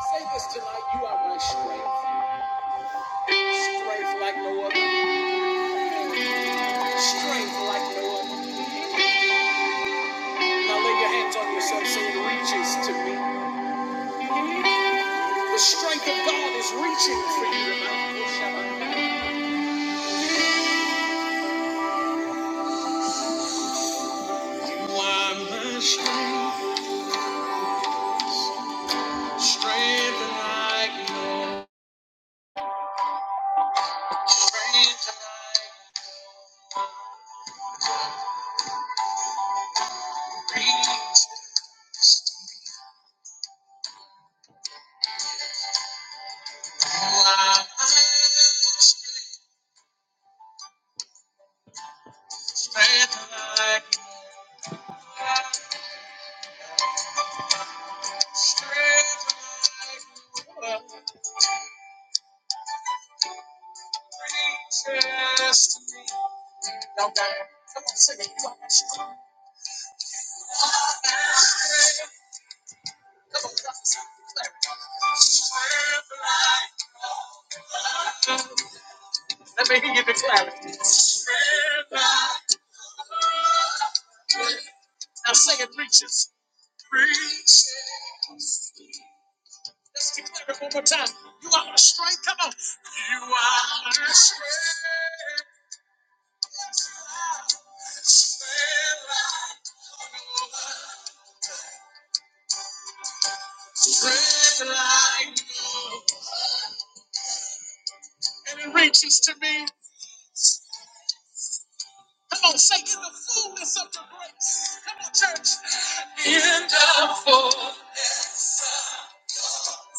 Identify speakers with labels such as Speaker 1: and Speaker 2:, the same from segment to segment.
Speaker 1: Say this tonight, you are my strength. Strength like no other. Strength like no other. Now lay your hands on yourself say it reaches to me. The strength of God is reaching for you tonight. You are my strength. Strength like no other, Strength like, strength like, strength like no other. Reaches to me. Now, God, come on, sing it. You are my strength. Let me hear you declare it. Now say it reaches. Reaches. Let's declare it one more time. You are my strength. Come on. You are my strength. Strength like no and it reaches to me. Come on, say in the fullness of your grace. Come on, church. In the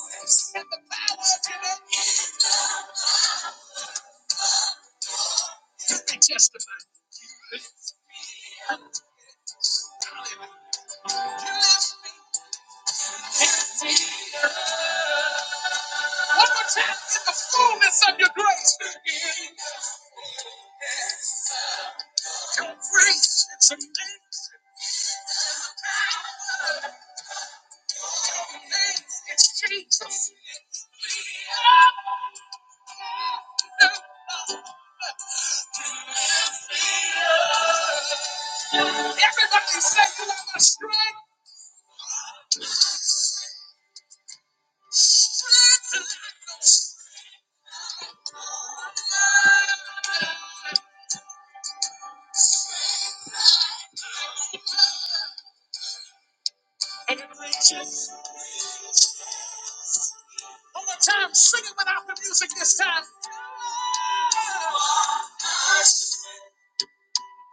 Speaker 1: fullness. In the power of your name. You can testify. You lift me. One more time. In the fullness of your grace. In your grace. It's amazing. It's Jesus. Everybody say you have a strength. Strength like no strength. And it reaches. One more time, sing it without the music this time. Come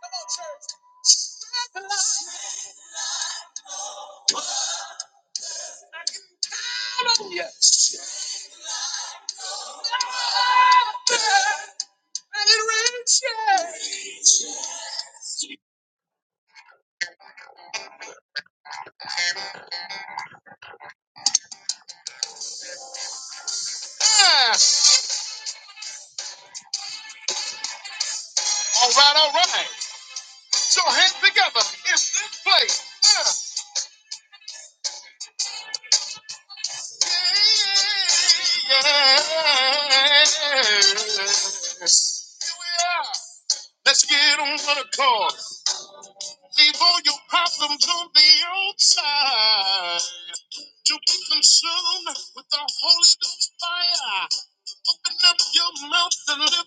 Speaker 1: on, church. Strength like no I can count on you. And it reaches. Ah, all right, all right. So hands together in this place. Ah. Yes. Here we are. Let's get on with the call. Leave all your problems on the outside to be consumed with the Holy Ghost fire. Open up your mouth and lift the name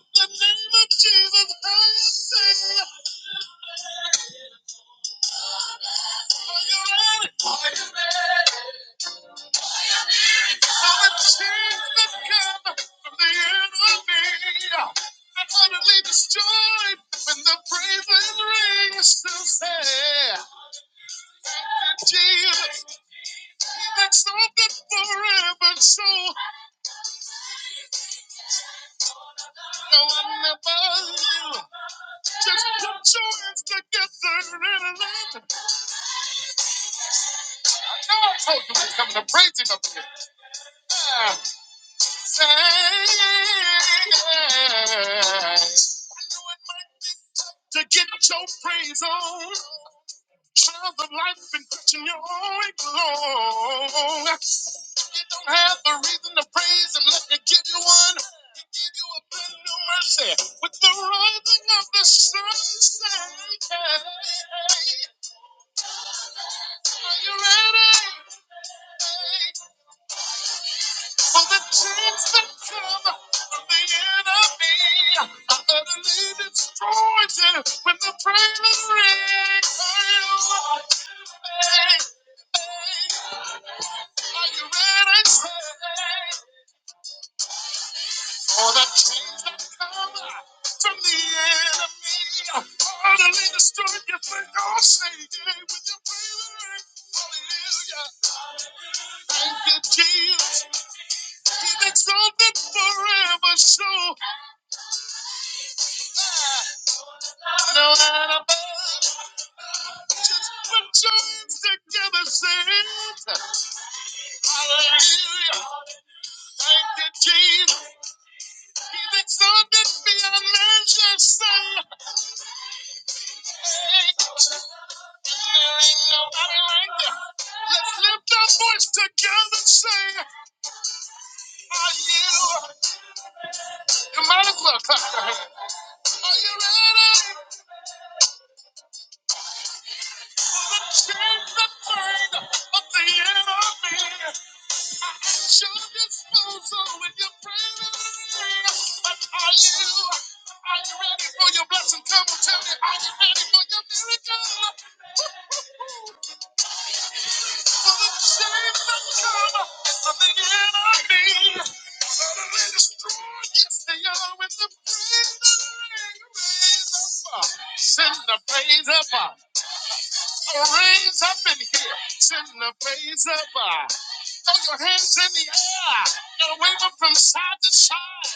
Speaker 1: of Jesus high and say, Are you ready? I'm seeing the come from the enemy. I'm utterly destroyed when the praises ring. Still say, Thank you, Jesus. That's so good forever. So, no one above you. Just put your hands together and let. No, I told you we're coming to praise him up here. Ah, To get your praise on, child of life been preaching your way long. You don't have the reason to praise him, let me give you one. He gave you a brand new mercy with the rising of the sun. Say, hey, hey, hey. Are you ready? Hey, hey, hey. For the dreams that come from the enemy are utterly destroyed when the prayer is read. Are you ready? Are you ready? Say, For the dreams that come from the enemy are utterly destroyed. You think I'll say yeah with your prayer? Hallelujah. Thank you, Jesus. He's exalted forever. So. No light above. Just put your hands together, saints. Hallelujah. Thank you, Jesus. He's exalted beyond measure, son. Hey, and there ain't nobody like you. Let's lift our voice together, say, Are you? You might as well clap your hands. Are you ready for the chance to find of the enemy? Show disposal with your prayers. But are you? Are you ready for your blessing? Come and tell me, are you ready for your miracle? For the shame that come from the enemy utterly destroyed. Yes, they are with the praise. Send the praise up. Send the praise up. Oh, raise up in here. Send the praise up. Uh, throw your hands in the air and wave them from side to side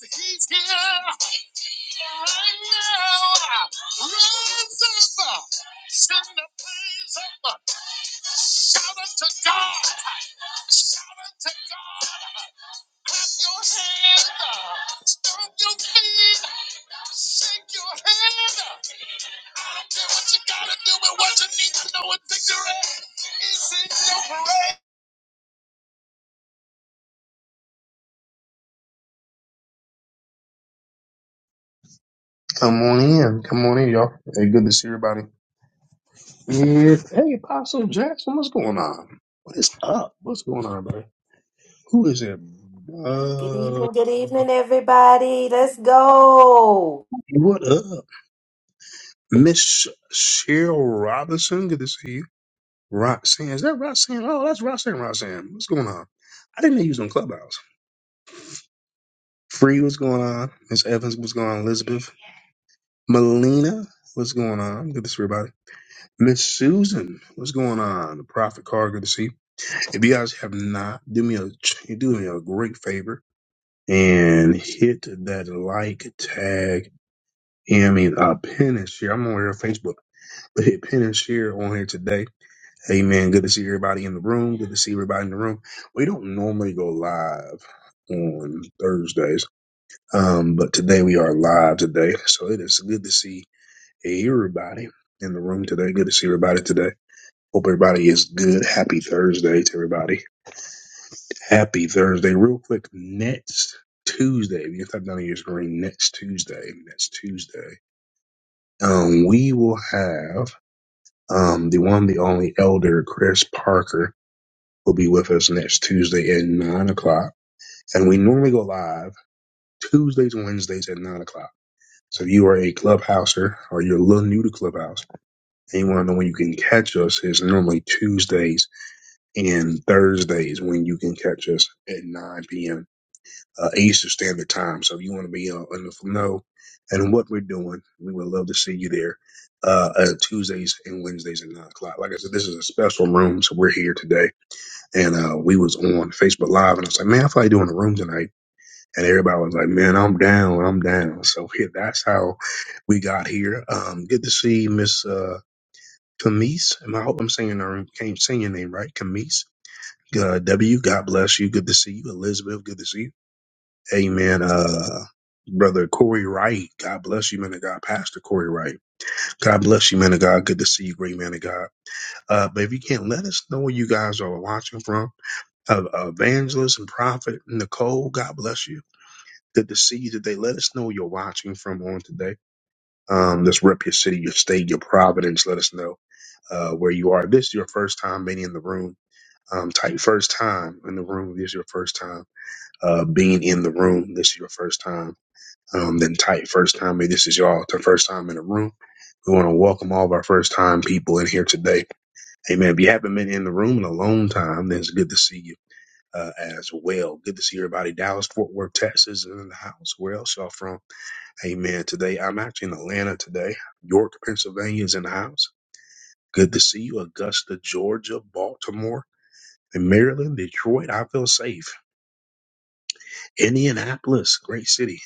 Speaker 1: because he's here. Come on in. Come on in, y'all. Hey, good to see everybody. Yes. Hey, Apostle Jackson, what's going on? What is up? What's going on, brother? Who is it?
Speaker 2: Good
Speaker 1: Uh,
Speaker 2: evening, good evening, everybody. Let's go.
Speaker 1: what up? Miss Cheryl Robinson, good to see you. Roxanne, is that Roxanne? Oh, that's Roxanne, Roxanne. What's going on? I didn't know you was on Clubhouse. Free, what's going on? Miss Evans, what's going on? Elizabeth, Melina, what's going on? Good to see everybody. Miss Susan, what's going on? The Prophet Car, good to see you. If you guys have not, do me a do me a great favor and hit that like tag. and I mean, uh, pin and share. I'm on here on Facebook, but hit pin and share on here today. Hey man, good to see everybody in the room. Good to see everybody in the room. We don't normally go live on Thursdays, um, but today we are live today, so it is good to see everybody in the room today. Good to see everybody today. Hope everybody is good. Happy Thursday to everybody. Happy Thursday. Real quick, next Tuesday, we can stop down your screen next Tuesday. Next Tuesday. Um, we will have um the one, the only elder, Chris Parker, will be with us next Tuesday at nine o'clock. And we normally go live Tuesdays and Wednesdays at nine o'clock. So if you are a clubhouser or you're a little new to Clubhouse and you want to know when you can catch us, it's normally Tuesdays and Thursdays when you can catch us at 9 p.m. uh, Eastern Standard Time. So if you want to be uh, in the know and what we're doing, we would love to see you there uh, uh, Tuesdays and Wednesdays at nine o'clock. Like I said, this is a special room, so we're here today. And uh, we was on Facebook Live, and I was like, man, I feel like doing a room tonight. And everybody was like, man, I'm down, I'm down. So yeah, that's how we got here. Um, good to see Miss uh, Camise. And I hope I'm saying her, can't saying your name right, Camise. Uh, w, God bless you. Good to see you, Elizabeth. Good to see you. Amen. Uh, brother Corey Wright. God bless you, man of God. Pastor Corey Wright. God bless you, man of God. Good to see you, great man of God. Uh, but if you can, not let us know where you guys are watching from. Uh, evangelist and prophet Nicole. God bless you. Good to see you today. Let us know where you're watching from on today. Um, let's rep your city, your state, your providence. Let us know uh, where you are. If this is your first time being in the room. Um, type first time in the room. If this is your first time uh, being in the room. This is your first time um, than type first time. Hey, this is y'all, the first time in the room. We want to welcome all of our first time people in here today. Amen. If you haven't been in the room in a long time, then it's good to see you uh, as well. Good to see everybody. Dallas, Fort Worth, Texas, is in the house. Where else y'all from? Amen. Today, I'm actually in Atlanta today. York, Pennsylvania is in the house. Good to see you. Augusta, Georgia, Baltimore, and Maryland, Detroit. I feel safe. Indianapolis, great city.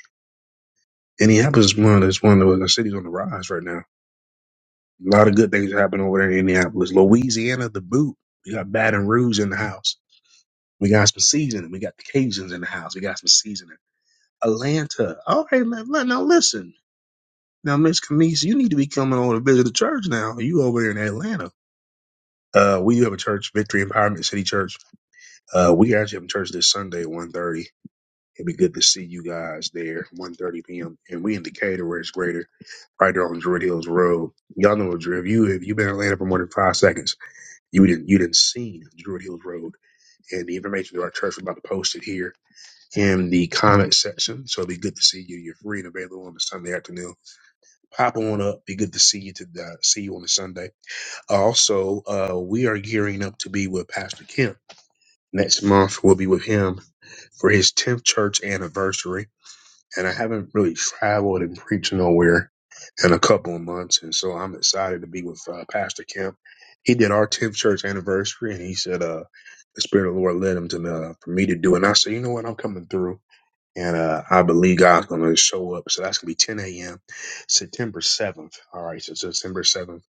Speaker 1: Indianapolis is one of those one of the cities on the rise right now. A lot of good things are happening over there in Indianapolis. Louisiana, the boot. We got Baton Rouge in the house. We got some seasoning. We got the Cajuns in the house. We got some seasoning. Atlanta. All right, now, now now listen. Now, Miss Camise, you need to be coming on to visit the church now. You over here in Atlanta. Uh, we have a church, Victory Empowerment City Church. Uh, we actually have a church this Sunday at 1.30. It'd be good to see you guys there, one thirty p.m. And we in Decatur, where it's greater, right there on Druid Hills Road. Y'all know what Druid. If you, if you've been in Atlanta for more than five seconds, you didn't you didn't see Druid Hills Road. And the information to our church we're about to post it here in the comment section. So it'll be good to see you. You're free and available on the Sunday afternoon. Pop on up. Be good to see you to uh, see you on the Sunday. Also, uh, we are gearing up to be with Pastor Kemp. Next month we'll be with him for his 10th church anniversary and I haven't really traveled and preached nowhere in a couple of months, and so I'm excited to be with uh, Pastor Kemp. He did our 10th church anniversary, and he said, "Uh, the Spirit of the Lord led him to uh, for me to do." it. And I said, "You know what? I'm coming through." And uh, I believe God's going to show up. So that's going to be 10 a.m. September 7th. All right. So September 7th.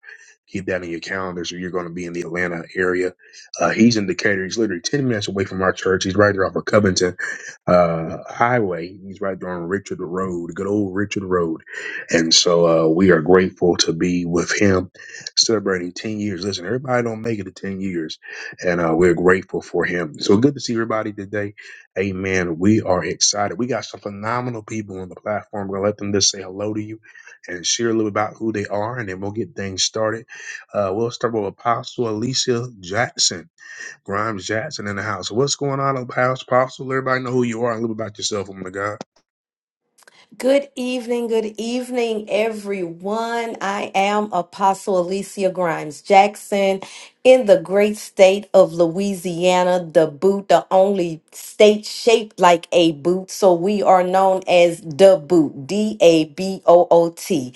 Speaker 1: Keep that in your calendars. You're going to be in the Atlanta area. Uh, he's in Decatur. He's literally 10 minutes away from our church. He's right there off of Covington uh, Highway. He's right there on Richard Road, good old Richard Road. And so uh, we are grateful to be with him celebrating 10 years. Listen, everybody don't make it to 10 years. And uh, we're grateful for him. So good to see everybody today. Amen. We are excited. We got some phenomenal people on the platform. We're going to let them just say hello to you and share a little about who they are, and then we'll get things started. Uh, we'll start with Apostle Alicia Jackson, Grimes Jackson in the house. What's going on, Apostle? everybody know who you are and a little about yourself, woman of God.
Speaker 2: Good evening, good evening, everyone. I am Apostle Alicia Grimes Jackson in the great state of Louisiana, the boot, the only state shaped like a boot. So we are known as the boot, D A B O O T.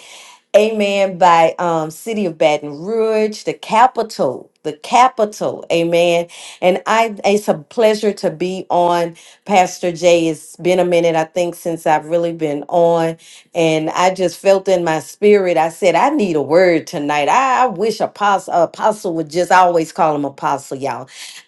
Speaker 2: amen, by um, City of Baton Rouge, the capital, the capital, amen. And I, it's a pleasure to be on Pastor Jay. It's been a minute, I think, since I've really been on, and I just felt in my spirit. I said, I need a word tonight. I, I wish Apostle, Apostle would just I always call him Apostle, y'all.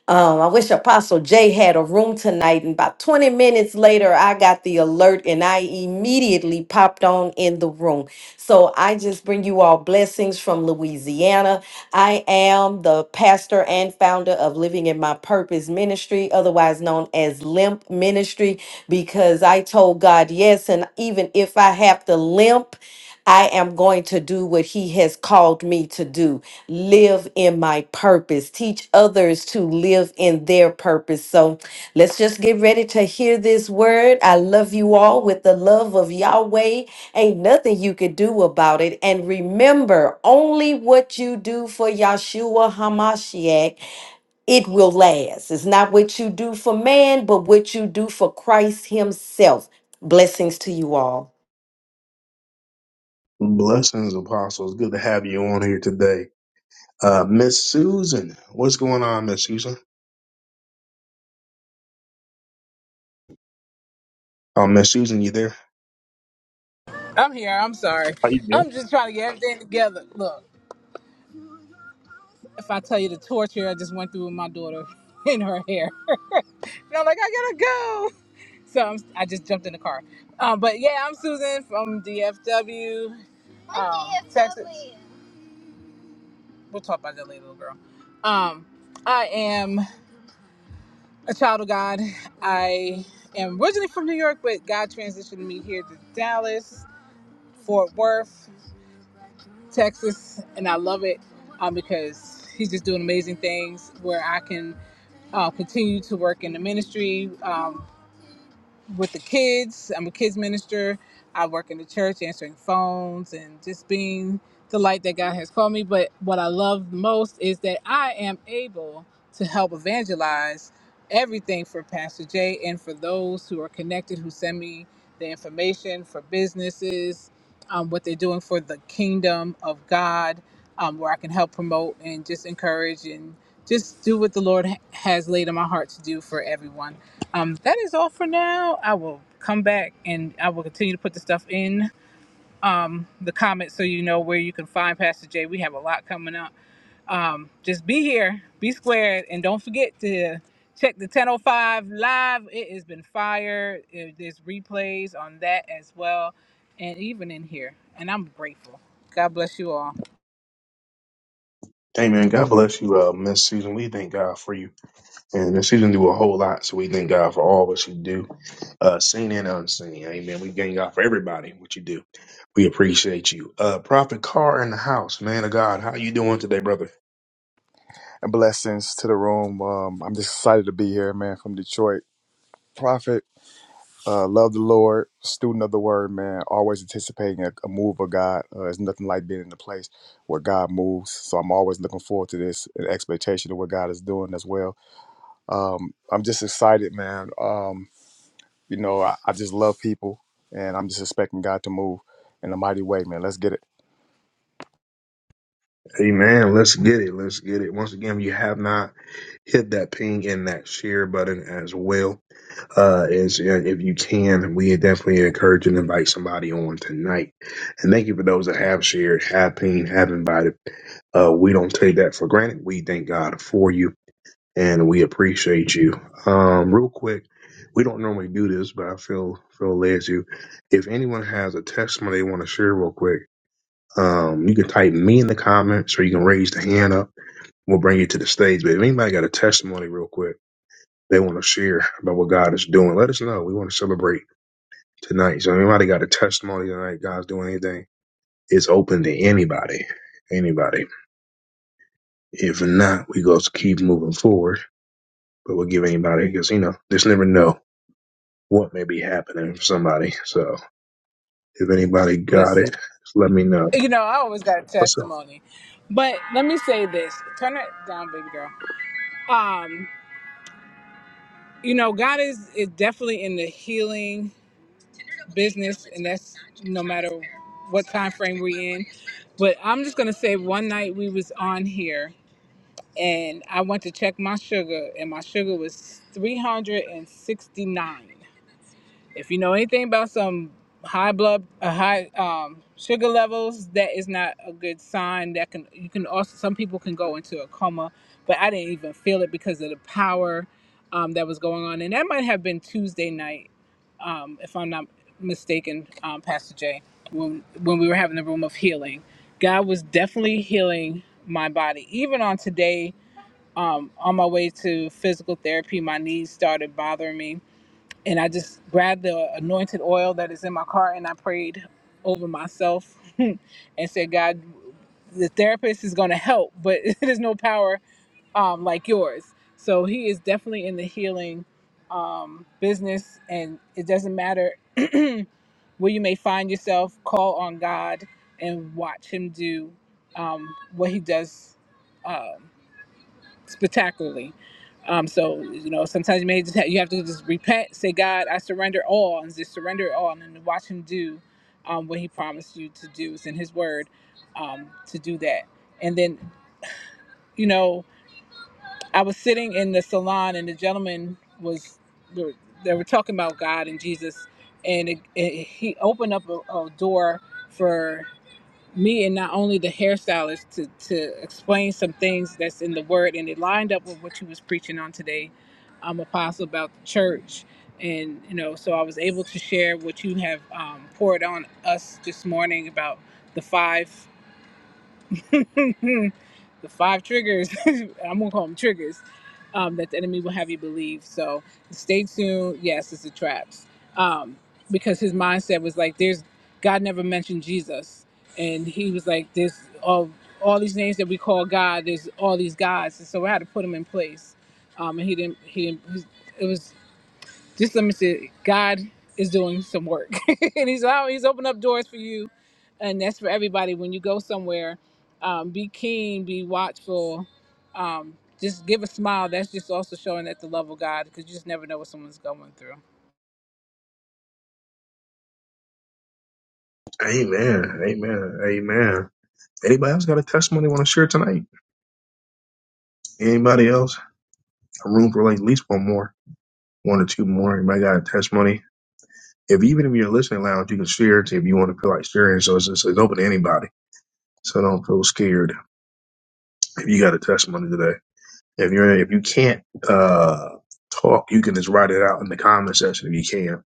Speaker 2: Um, I wish Apostle Jay had a room tonight. And about 20 minutes later, I got the alert, and I immediately popped on in the room. So I just bring you all blessings from Louisiana. I am the pastor and founder of Living in My Purpose Ministry, otherwise known as Limp Ministry, because I told God yes. And even if I have to limp, I am going to do what he has called me to do. Live in my purpose. Teach others to live in their purpose. So let's just get ready to hear this word. I love you all with the love of Yahweh. Ain't nothing you could do about it. And remember, only what you do for Yahshua Hamashiach, it will last. It's not what you do for man, but what you do for Christ himself. Blessings to you all.
Speaker 1: Blessings, Apostle. It's good to have you on here today. Uh, Miss Susan, what's going on, Miss Susan? Oh, Miss Susan, you there?
Speaker 3: I'm here. I'm sorry.
Speaker 1: How you doing?
Speaker 3: I'm just trying to get everything together. Look, if I tell you the torture I just went through with my daughter in her hair, and I'm like, I gotta go. So I'm, I just jumped in the car. Um, but yeah, I'm Susan from DFW, um, Texas. We'll talk about that later, little girl. Um, I am a child of God. I am originally from New York, but God transitioned me here to Dallas, Fort Worth. Texas, and I love it um, because he's just doing amazing things where I can uh, continue to work in the ministry. Um, with the kids. I'm a kids minister. I work in the church answering phones and just being the light that God has called me. But what I love most is that I am able to help evangelize everything for Pastor Jay and for those who are connected who send me the information for businesses, um, what they're doing for the kingdom of God, um, where I can help promote and just encourage and just do what the Lord ha- has laid on my heart to do for everyone. Um, that is all for now. I will come back and I will continue to put the stuff in the comments so you know where you can find Pastor Jay. We have a lot coming up. Um, just be here, be squared, and don't forget to check the 1005 live. It has been fire. Eh, There's replays on that as well, and even in here. And I'm grateful. God bless you all.
Speaker 1: Amen. God bless you, uh, Miss Susan. We thank God for you. And she didn't do a whole lot, so we thank God for all what she do, uh, seen and unseen. Amen. We thank God for everybody, what you do. We appreciate you. Uh, Prophet Carr in the house, man of God. How you doing today, brother?
Speaker 4: and blessings to the room. Um, I'm just excited to be here, man, from Detroit. Prophet, uh, love the Lord, student of the word, man, always anticipating a, a move of God. Uh, it's nothing like being in the place where God moves. So I'm always looking forward to this and expectation of what God is doing as well. Um, I'm just excited, man. Um, you know, I, I just love people and I'm just expecting God to move in a mighty way, man. Let's get it.
Speaker 1: Amen. Let's get it. Let's get it. Once again, if you have not hit that ping and that share button as well. Uh, as uh, if you can, we definitely encourage and invite somebody on tonight. And thank you for those that have shared, have pinged, have invited. Uh, we don't take that for granted. We thank God for you. and we appreciate you. Um, real quick, we don't normally do this, but I feel feel led to. If anyone has a testimony they want to share, real quick, um, you can type me in the comments, or you can raise the hand up. We'll bring you to the stage. But if anybody got a testimony, real quick, they want to share about what God is doing, let us know. We want to celebrate tonight. So if anybody got a testimony tonight, God's doing anything, it's open to anybody, anybody. If not, we go to keep moving forward. But we'll give anybody because you know, just never know what may be happening for somebody. So if anybody got
Speaker 3: Listen,
Speaker 1: it, just let me know.
Speaker 3: you know, I always got a
Speaker 1: What's up?
Speaker 3: testimony. But let me say this. Turn it down, baby girl. Um, you know god is is definitely in the healing business and that's no matter what time frame we're in but i'm just going to say one night we was on here and i went to check my sugar and my sugar was 369 if you know anything about some high blood uh, high um, sugar levels that is not a good sign that can you can also some people can go into a coma but i didn't even feel it because of the power um, that was going on and that might have been tuesday night um, if i'm not mistaken um, pastor jay when when we were having the room of healing god was definitely healing my body even on today um, on my way to physical therapy my knees started bothering me and I just grabbed the anointed oil that is in my car and I prayed over myself and said, God, the therapist is going to help, but there's no power um, like yours. So he is definitely in the healing um, business, and it doesn't matter where you may find yourself. Call on God and watch Him do um, what He does. um, spectacularly. Um, so you know, sometimes you may just have, you have to just repent, say, God, I surrender all, and just surrender it all, and then watch Him do um, what He promised you to do. It's in His Word um, to do that. And then you know, I was sitting in the salon, and the gentleman was they were, they were talking about God and Jesus, and it, it, he opened up a, a door for me and not only the hairstylist to to explain some things that's in the word and it lined up with what you was preaching on today um apostle about the church and you know so i was able to share what you have um poured on us this morning about the five the five triggers i'm gonna call them triggers um, that the enemy will have you believe so stay tuned yes it's the traps um, because his mindset was like there's god never mentioned jesus and he was like there's all, all these names that we call god there's all these gods and so we had to put them in place um, and he didn't he didn't It was just let me say God is doing some work, and He's allowing, He's opened up doors for you, and that's for everybody. When you go somewhere, um, be keen, be watchful, um, just give a smile. That's just also showing that the love of God, because you just never know what someone's going through.
Speaker 1: Amen. Amen. Amen. Anybody else got a testimony want to share tonight? Anybody else? A room for like at least one more, one or two more. Anybody got a testimony? If even if you're listening lounge, you can share it if you want to feel like sharing. So it's just it's open to anybody. So don't feel scared if you got a testimony today. If you're if you can't uh talk, you can just write it out in the comment section if you can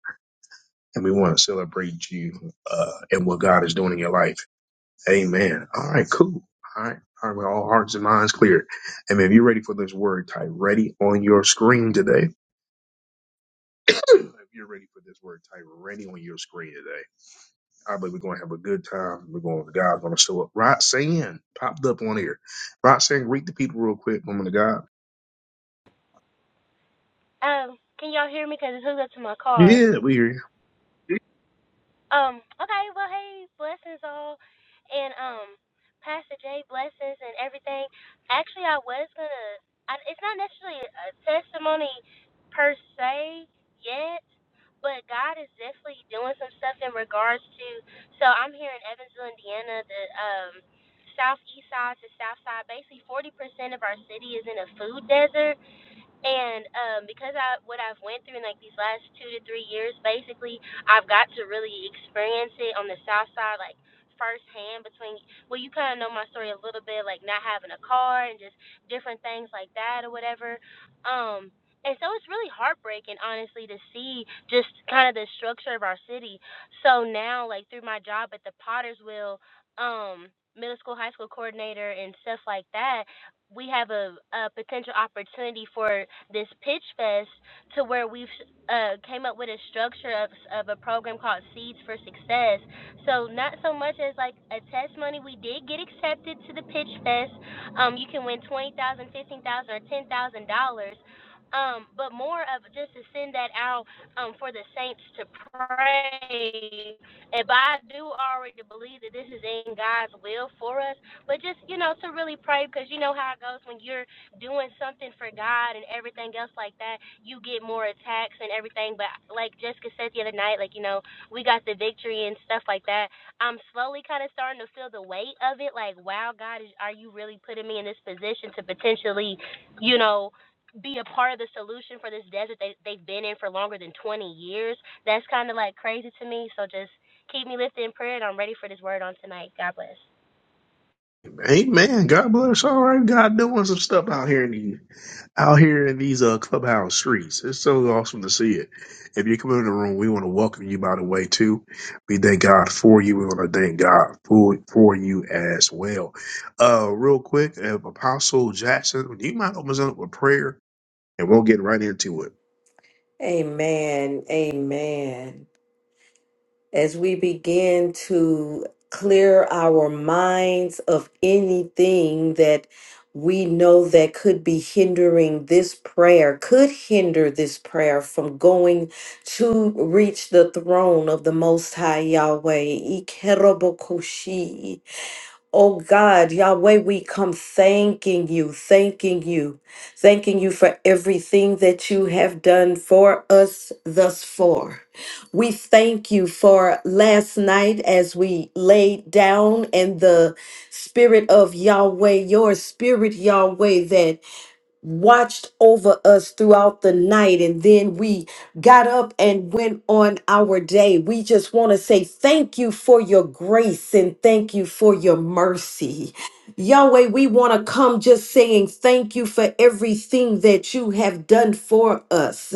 Speaker 1: and we want to celebrate you uh, and what God is doing in your life. Amen. All right, cool. All right, all right. All hearts and minds clear. Amen. If you're ready for this word, type ready on your screen today. If you're ready for this word, type ready on your screen today. I believe we're going to have a good time. We're going. God's going to show up. Roxanne popped up on here. Roxanne, greet the people real quick, woman of God.
Speaker 5: Um, can y'all hear me? Cause it's hooked up to my car.
Speaker 1: Yeah, we here.
Speaker 5: Um, okay, well, hey, blessings all, and um, Pastor Jay, blessings and everything. Actually, I was gonna. it's not necessarily a testimony per se yet, but God is definitely doing some stuff in regards to. So I'm here in Evansville, Indiana, the um southeast side to south side. Basically, 40% of our city is in a food desert and um, because I what I've went through in like these last two to three years, basically, I've got to really experience it on the south side, like firsthand. Between well, you kind of know my story a little bit, like not having a car and just different things like that or whatever. Um, and so it's really heartbreaking, honestly, to see just kind of the structure of our city. So now, like through my job at the Potter's Wheel, um, middle school, high school coordinator, and stuff like that we have a, a potential opportunity for this pitch fest to where we've uh, came up with a structure of, of a program called seeds for success so not so much as like a test money we did get accepted to the pitch fest um, you can win twenty thousand, fifteen thousand, or $10000 um, but more of just to send that out um, for the saints to pray and but I do already believe that this is in God's will for us but just you know to really pray because you know how it goes when you're doing something for God and everything else like that, you get more attacks and everything. But like Jessica said the other night, like you know we got the victory and stuff like that. I'm slowly kind of starting to feel the weight of it. Like wow, God, is, are you really putting me in this position to potentially, you know? be a part of the solution for this desert they, they've been in for longer than 20 years that's kind of like crazy to me so just keep me lifted in prayer and i'm ready for this word on tonight god bless
Speaker 1: Amen. God bless. All right, God doing some stuff out here in the out here in these uh clubhouse streets. It's so awesome to see it. If you come in the room, we want to welcome you by the way too. We thank God for you. We want to thank God for for you as well. Uh real quick, if Apostle Jackson, do you mind open us up with prayer and we'll get right into it.
Speaker 2: Amen. Amen. As we begin to clear our minds of anything that we know that could be hindering this prayer, could hinder this prayer from going to reach the throne of the Most High Yahweh. Ikerobokoshi. Oh God, Yahweh, we come thanking you, thanking you, thanking you for everything that you have done for us thus far. We thank you for last night as we laid down and the spirit of Yahweh, your spirit, Yahweh, that watched over us throughout the night and then we got up and went on our day. We just want to say thank you for your grace and thank you for your mercy. Yahweh, we want to come just saying thank you for everything that you have done for us.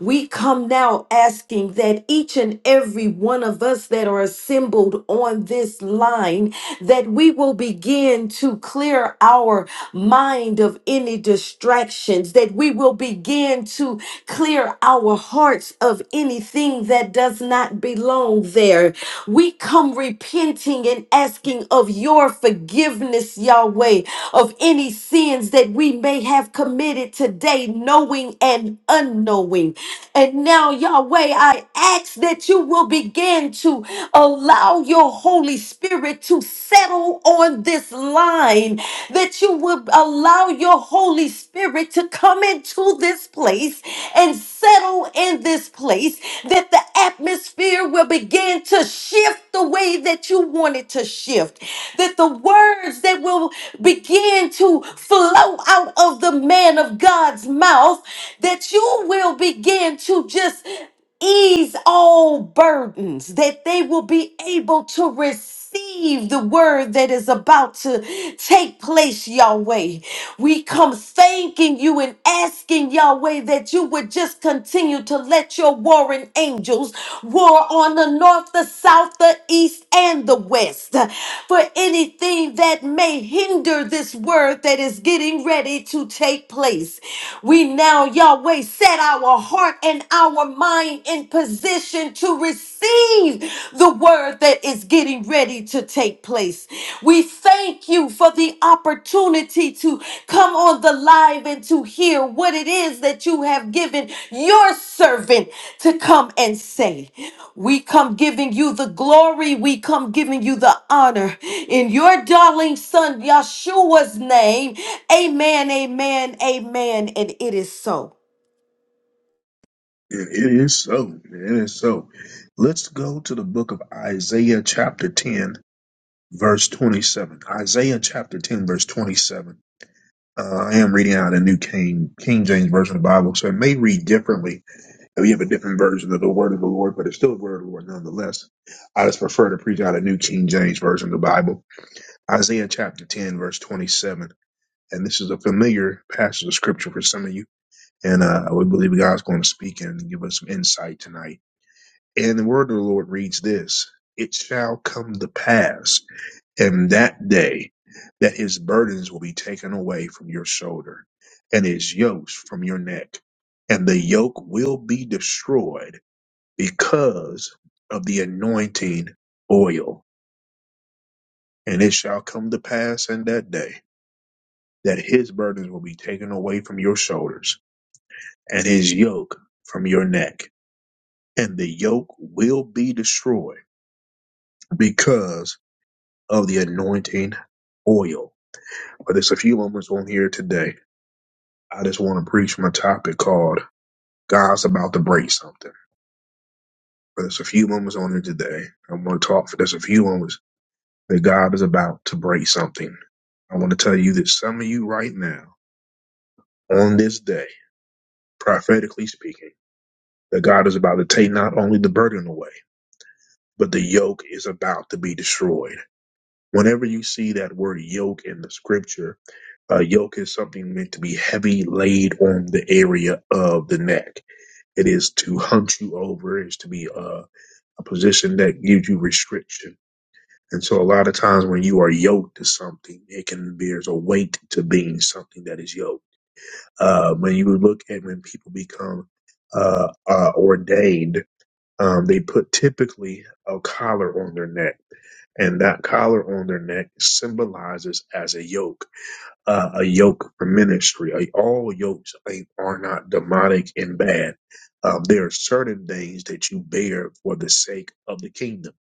Speaker 2: We come now asking that each and every one of us that are assembled on this line that we will begin to clear our mind of any distractions, that we will begin to clear our hearts of anything that does not belong there. We come repenting repenting and asking of your forgiveness, Yahweh, of any sins that we may have committed today, knowing and unknowing. And now, Yahweh, I ask that you will begin to allow your Holy Spirit to settle on this line, that you will allow your Holy Spirit to come into this place and settle in this place, that the atmosphere will begin to shift the way that you want it to shift, that the words that will begin to flow out of the man of God's mouth, that you will begin to just ease all burdens, that they will be able to receive the word that is about to take place, Yahweh. We come thanking you and asking, Yahweh, that you would just continue to let your warring angels war on the north, the south, the east, and the west for anything that may hinder this word that is getting ready to take place. We now, Yahweh, set our heart and our mind in position to receive the word that is getting ready to take place. We thank you for the opportunity to come on the live and to hear what it is that you have given your servant to come and say. We come giving you the glory, we come giving you the honor in your darling son Yeshua's name. Amen, amen, amen, and it is so.
Speaker 1: It it is so. It is so. Let's go to the book of Isaiah chapter 10 verse 27. Isaiah chapter 10, verse 27. Uh, I am reading out a new King, King James version of the Bible, so it may read differently if you have a different version of the word of the Lord, but it's still the word of the Lord nonetheless. I just prefer to preach out a new King James version of the Bible. Isaiah chapter 10, verse 27. And this is a familiar passage of scripture for some of you. And uh, we believe God's going to speak and give us some insight tonight. And the word of the Lord reads this It shall come to pass in that day that his burdens will be taken away from your shoulder and his yokes from your neck, and the yoke will be destroyed because of the anointing oil. And it shall come to pass in that day that his burdens will be taken away from your shoulders and his yoke from your neck, and the yoke will be destroyed because of the anointing oil. But there's a few moments on here today I just want to preach my topic called God's About to Break Something. But There's a few moments on here today. I want to talk for there's a few moments that God is about to break something. I want to tell you that some of you right now, on this day, prophetically speaking, that God is about to take not only the burden away, but the yoke is about to be destroyed. Whenever you see that word yoke in the scripture, a yoke is something meant to be heavy laid on the area of the neck. It is to hunt you over. It's to be uh, a position that gives you restriction. And so a lot of times when you are yoked to something, it can be there's a weight to being something that is yoked. Uh, when you look at when people become uh, uh, ordained, um, they put typically a collar on their neck, and that collar on their neck symbolizes as a yoke uh, a yoke for ministry. Uh, All yokes ain't, are not demonic and bad. Um, there are certain things that you bear for the sake of the kingdom.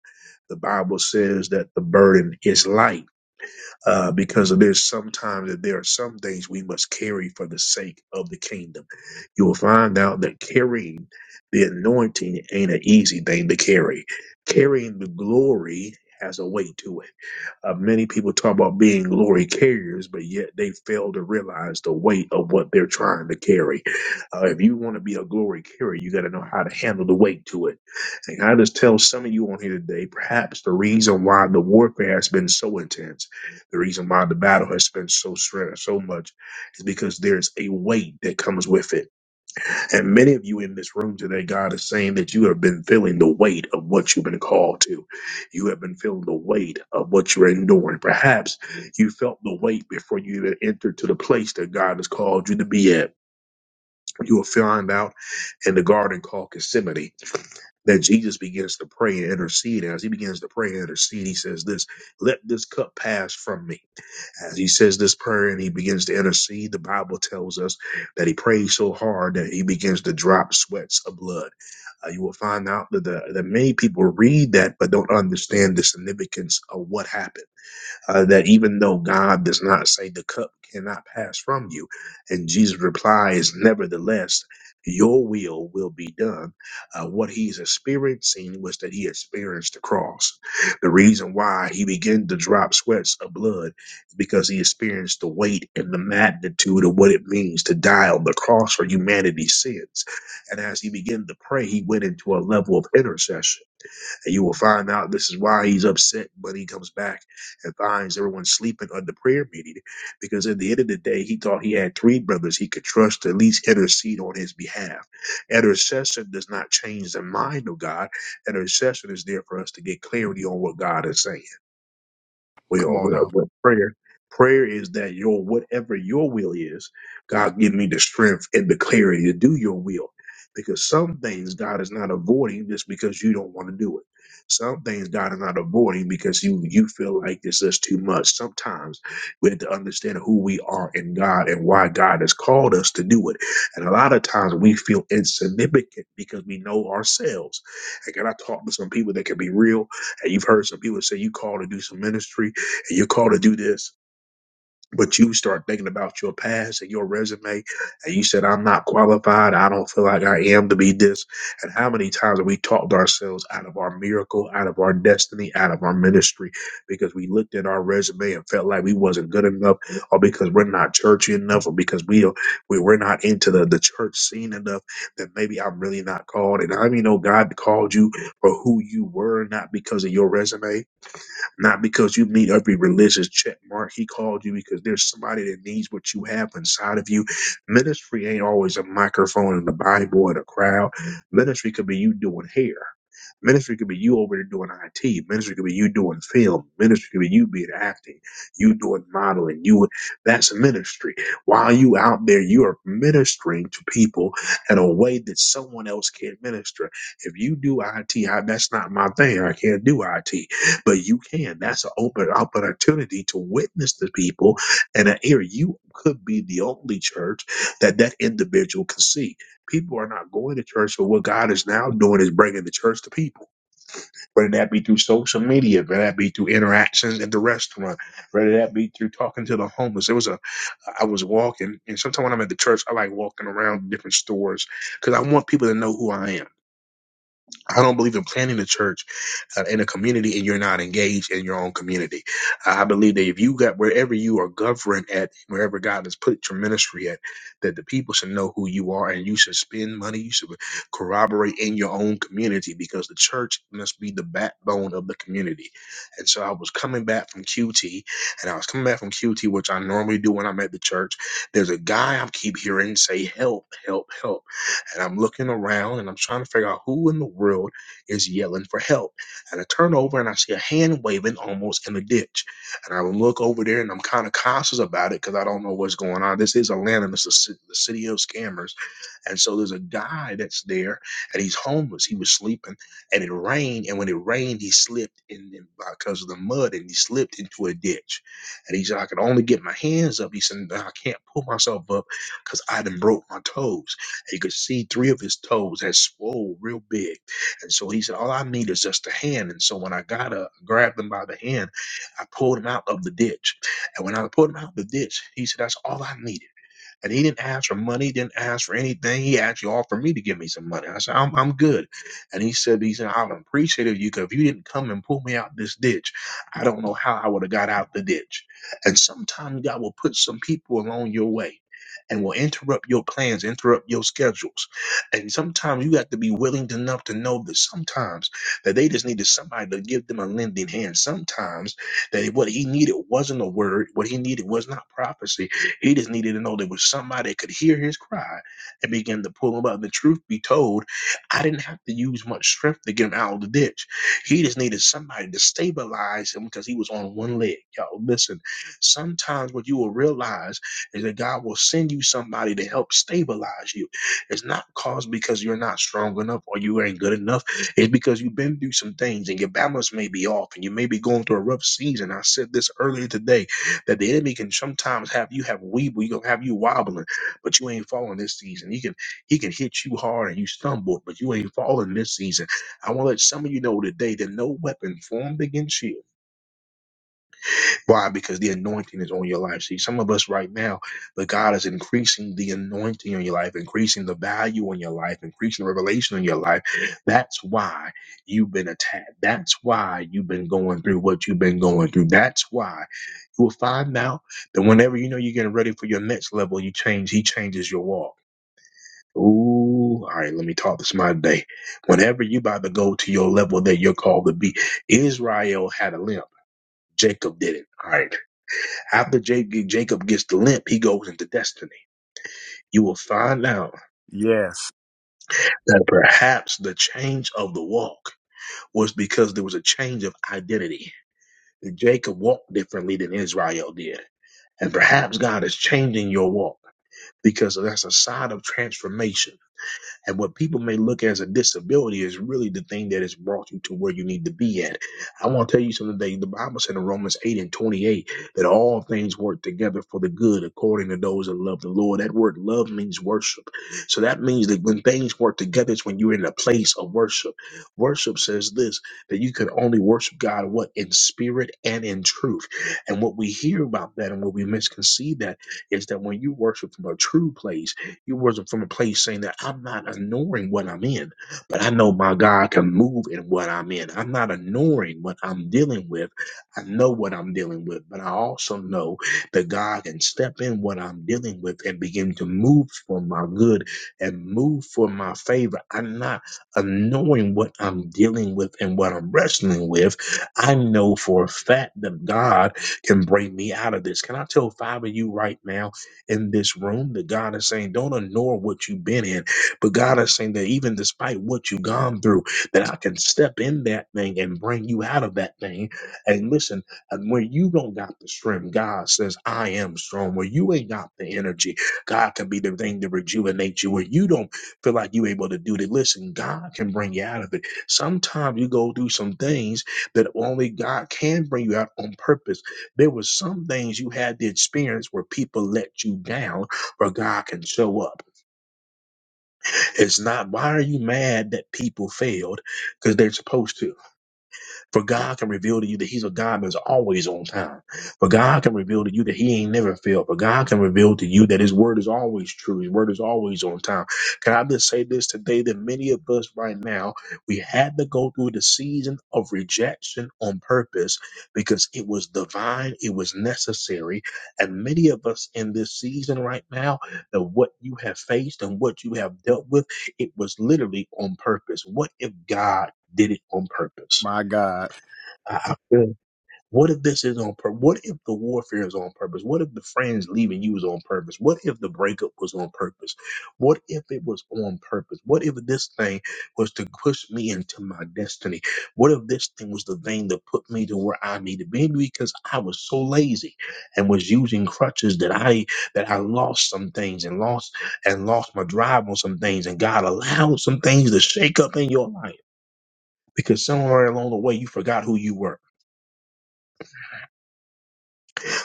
Speaker 1: The Bible says that the burden is light uh, because there's sometimes that there are some things we must carry for the sake of the kingdom. You will find out that carrying the anointing ain't an easy thing to carry. Carrying the glory has a weight to it uh, many people talk about being glory carriers, but yet they fail to realize the weight of what they're trying to carry. Uh, if you want to be a glory carrier, you got to know how to handle the weight to it. And I just tell some of you on here today, perhaps the reason why the warfare has been so intense, the reason why the battle has been so str- so much, is because there's a weight that comes with it and many of you in this room today, God is saying that you have been feeling the weight of what you've been called to. You have been feeling the weight of what you're enduring. Perhaps you felt the weight before you even entered to the place that God has called you to be at. You will find out in the garden called Gethsemane that Jesus begins to pray and intercede. As he begins to pray and intercede, he says this, let this cup pass from me. As he says this prayer and he begins to intercede, the Bible tells us that he prays so hard that he begins to drop sweats of blood. Uh, you will find out that, the, that many people read that but don't understand the significance of what happened uh, that even though God does not say the cup cannot pass from you, and Jesus replies, nevertheless, your will will be done. Uh, what he's experiencing was that he experienced the cross. The reason why he began to drop sweats of blood is because he experienced the weight and the magnitude of what it means to die on the cross for humanity's sins. And as he began to pray, he went into a level of intercession and you will find out this is why he's upset, but he comes back and finds everyone sleeping on the prayer meeting. Because at the end of the day, he thought he had three brothers he could trust to at least intercede on his behalf. Intercession does not change the mind of God. Intercession is there for us to get clarity on what God is saying.
Speaker 4: Come
Speaker 1: Well,
Speaker 4: on
Speaker 1: well,
Speaker 4: now.
Speaker 1: well, prayer. Prayer is that your whatever your will is, God give me the strength and the clarity to do your will. Because some things God is not avoiding just because you don't want to do it. Some things God is not avoiding because you you feel like this is too much. Sometimes we have to understand who we are in God and why God has called us to do it. And a lot of times we feel insignificant because we know ourselves. And can I talk to some people that can be real? And you've heard some people say you called to do some ministry and you're called to do this, but you start thinking about your past and your resume, and you said, I'm not qualified, I don't feel like I am to be this. And how many times have we talked ourselves out of our miracle, out of our destiny, out of our ministry, because we looked at our resume and felt like we wasn't good enough, or because we're not churchy enough, or because we we we're not into the, the church scene enough that maybe I'm really not called. And I mean, know God called you for who you were, not because of your resume not because you meet every religious check mark. He called you because there's somebody that needs what you have inside of you. Ministry ain't always a microphone and the Bible or the crowd. Ministry could be you doing hair. Ministry could be you over there doing IT. Ministry could be you doing film. Ministry could be you being acting, you doing modeling. You that's ministry. While you out there, you are ministering to people in a way that someone else can't minister. If you do IT, that's not my thing. I can't do IT but you can. That's an open opportunity to witness to people in an area. You could be the only church that that individual can see. People are not going to church, but what God is now doing is bringing the church to people. Whether that be through social media, whether that be through interactions at the restaurant, whether that be through talking to the homeless. There was a, I was walking, and sometimes when I'm at the church, I like walking around different stores because I want people to know who I am. I don't believe in planting a church uh, in a community and you're not engaged in your own community. I I believe that if you got wherever you are governed at, wherever God has put your ministry at, that the people should know who you are and you should spend money, you should corroborate in your own community because the church must be the backbone of the community. And so I was coming back from QT and I was coming back from QT, which I normally do when I'm at the church. There's a guy I keep hearing say, Help, help, help. And I'm looking around and I'm trying to figure out who in the world is yelling for help. And I turn over and I see a hand waving almost in the ditch. And I look over there and I'm kind of cautious about it because I don't know what's going on. This is Atlanta, this is ci- the city of scammers. And so there's a guy that's there and he's homeless. He was sleeping and it rained. And when it rained, he slipped in in- because of the mud and he slipped into a ditch. And he said, I could only get my hands up. He said, "Nah, I can't pull myself up because I done broke my toes. He could see three of his toes had swole real big. And so he said, All I need is just a hand. And so when I got up, grabbed him by the hand, I pulled him out of the ditch. And when I pulled him out of the ditch, he said, That's all I needed. And he didn't ask for money, didn't ask for anything. He actually offered me to give me some money. I said, I'm, I'm good. And he said, he said, I would appreciate it if you could, if you didn't come and pull me out this ditch, I don't know how I would have got out the ditch. And sometimes God will put some people along your way and will interrupt your plans, interrupt your schedules. And sometimes you have to be willing to enough to know that sometimes that they just needed somebody to give them a lending hand. Sometimes that what he needed wasn't a word, what he needed was not prophecy he just needed to know there was somebody that could hear his cry and begin to pull him up. And the truth be told, I didn't have to use much strength to get him out of the ditch. He just needed somebody to stabilize him because he was on one leg. Y'all, listen, sometimes what you will realize is that God will send you somebody to help stabilize you. It's not caused because you're not strong enough or you ain't good enough. It's because you've been through some things and your balance may be off and you may be going through a rough season. I said this earlier today that the enemy can sometimes have you have weeble, you gonna have you wobbling, but you ain't falling this season. He can he can hit you hard and you stumble, but you ain't falling this season. I want to let some of you know today that no weapon formed against you why? Because the anointing is on your life. See, some of us right now, but God is increasing the anointing on your life, increasing the value on your life, increasing the revelation on your life. That's why you've been attacked. That's why you've been going through what you've been going through. That's why you will find out that whenever you know you're getting ready for your next level, you change, He changes your walk. Ooh, all right, let me talk this my day. Whenever you about to go to your level that you're called to be, Israel had a limp. Jacob did it. All right. After Ja-, Jacob gets the limp, he goes into destiny. You will find out
Speaker 4: Yes,
Speaker 1: that perhaps the change of the walk was because there was a change of identity. Jacob walked differently than Israel did. And perhaps God is changing your walk because that's a sign of transformation And what people may look as a disability is really the thing that has brought you to where you need to be at. I want to tell you something today. The Bible said in Romans 8 and 28 that all things work together for the good according to those that love the Lord. That word love means worship. So that means that when things work together, it's when you're in a place of worship. Worship says this that you can only worship God what in spirit and in truth. And what we hear about that and what we misconceive that is that when you worship from a true place, you worship from a place saying that I'm not ignoring what I'm in, but I know my God can move in what I'm in. I'm not ignoring what I'm dealing with. I know what I'm dealing with, but I also know that God can step in what I'm dealing with and begin to move for my good and move for my favor. I'm not ignoring what I'm dealing with and what I'm wrestling with. I know for a fact that God can bring me out of this. Can I tell five of you right now? in this room that God is saying, don't ignore what you've been in, but God is saying that even despite what you've gone through, that I can step in that thing and bring you out of that thing. And listen, and when you don't got the strength, God says, I am strong. Where you ain't got the energy, God can be the thing to rejuvenate you. Where you don't feel like you able to do that, listen, God can bring you out of it. Sometimes you go through some things that only God can bring you out on purpose there were some things you had the experience where people let you down, where God can show up. It's not why are you mad that people failed? Because they're supposed to. For God can reveal to you that He's a God that's always on time. For God can reveal to you that He ain't never failed. For God can reveal to you that His word is always true. His word is always on time. Can I just say this today that many of us right now, we had to go through the season of rejection on purpose because it was divine, it was necessary. And many of us in this season right now, that what you have faced and what you have dealt with, it was literally on purpose. What if God did it on purpose?
Speaker 4: my God.
Speaker 1: I, I feel. What if this is on purpose? What if the warfare is on purpose? What if the friends leaving you was on purpose? What if the breakup was on purpose? What if it was on purpose? What if this thing was to push me into my destiny? What if this thing was the thing that put me to where I need to be? Maybe Because I was so lazy and was using crutches that I that I lost some things and lost and lost my drive on some things, and God allowed some things to shake up in your life because somewhere along the way you forgot who you were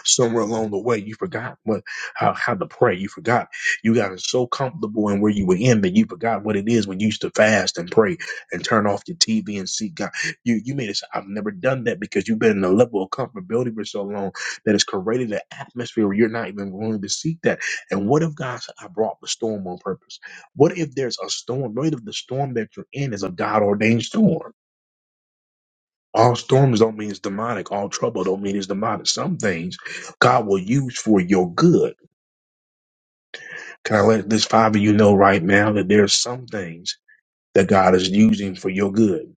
Speaker 1: somewhere along the way, you forgot what how, how to pray. You forgot you got so comfortable in where you were in that you forgot what it is when you used to fast and pray and turn off your TV and seek God. You you made it. say, I've never done that because you've been in a level of comfortability for so long that it's created an atmosphere where you're not even willing to seek that. And what if God said, I brought the storm on purpose? What if there's a storm? What if the storm that you're in is a God ordained storm? All storms don't mean it's demonic. All trouble don't mean it's demonic. Some things God will use for your good. Can I let this five of you know right now that there's some things that God is using for your good.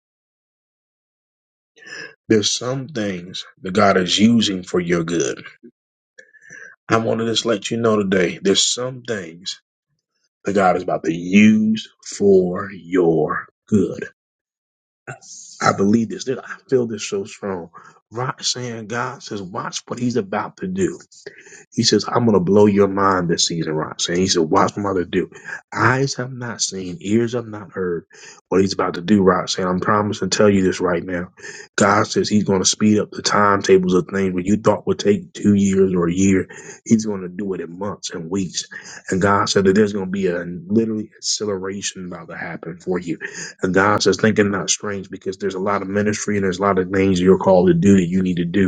Speaker 1: There's some things that God is using for your good. I want to just let you know today, there's some things that God is about to use for your good. I believe this. I feel this so strong. Right saying God says, watch what he's about to do. He says, I'm going to blow your mind this season, Ross. And he said, Watch what I'm about to do. Eyes have not seen, ears have not heard what he's about to do, Ross. And I'm promising to tell you this right now. God says he's going to speed up the timetables of things where you thought would take two years or a year. He's going to do it in months and weeks. And God said that there's going to be a literally acceleration about to happen for you. And God says, thinking not strange because there's a lot of ministry and there's a lot of things you're called to do that you need to do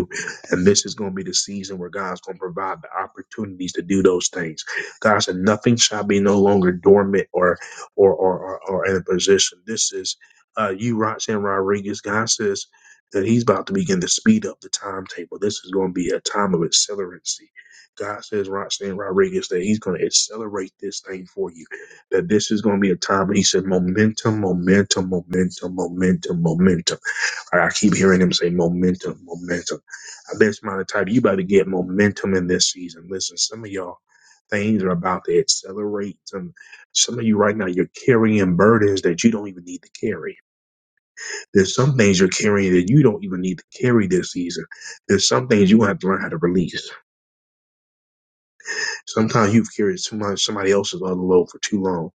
Speaker 1: and this is going to be the season where God's going to provide the opportunities to do those things. God said, nothing shall be no longer dormant or or or, or, or in a position. This is uh, you, Roxanne Rodriguez. God says that He's about to begin to speed up the timetable. This is going to be a time of accelerancy. God says, Roxanne Rodriguez, that He's going to accelerate this thing for you. That this is going to be a time. He said, momentum, momentum, momentum, momentum, momentum. I I keep hearing him say momentum, momentum. I bet Smiley Tiger, you better get momentum in this season. Listen, some of y'all things are about to accelerate. Some some of you right now, you're carrying burdens that you don't even need to carry. There's some things you're carrying that you don't even need to carry this season. There's some things you have to learn how to release. Sometimes you've carried too much somebody else's other load for too long.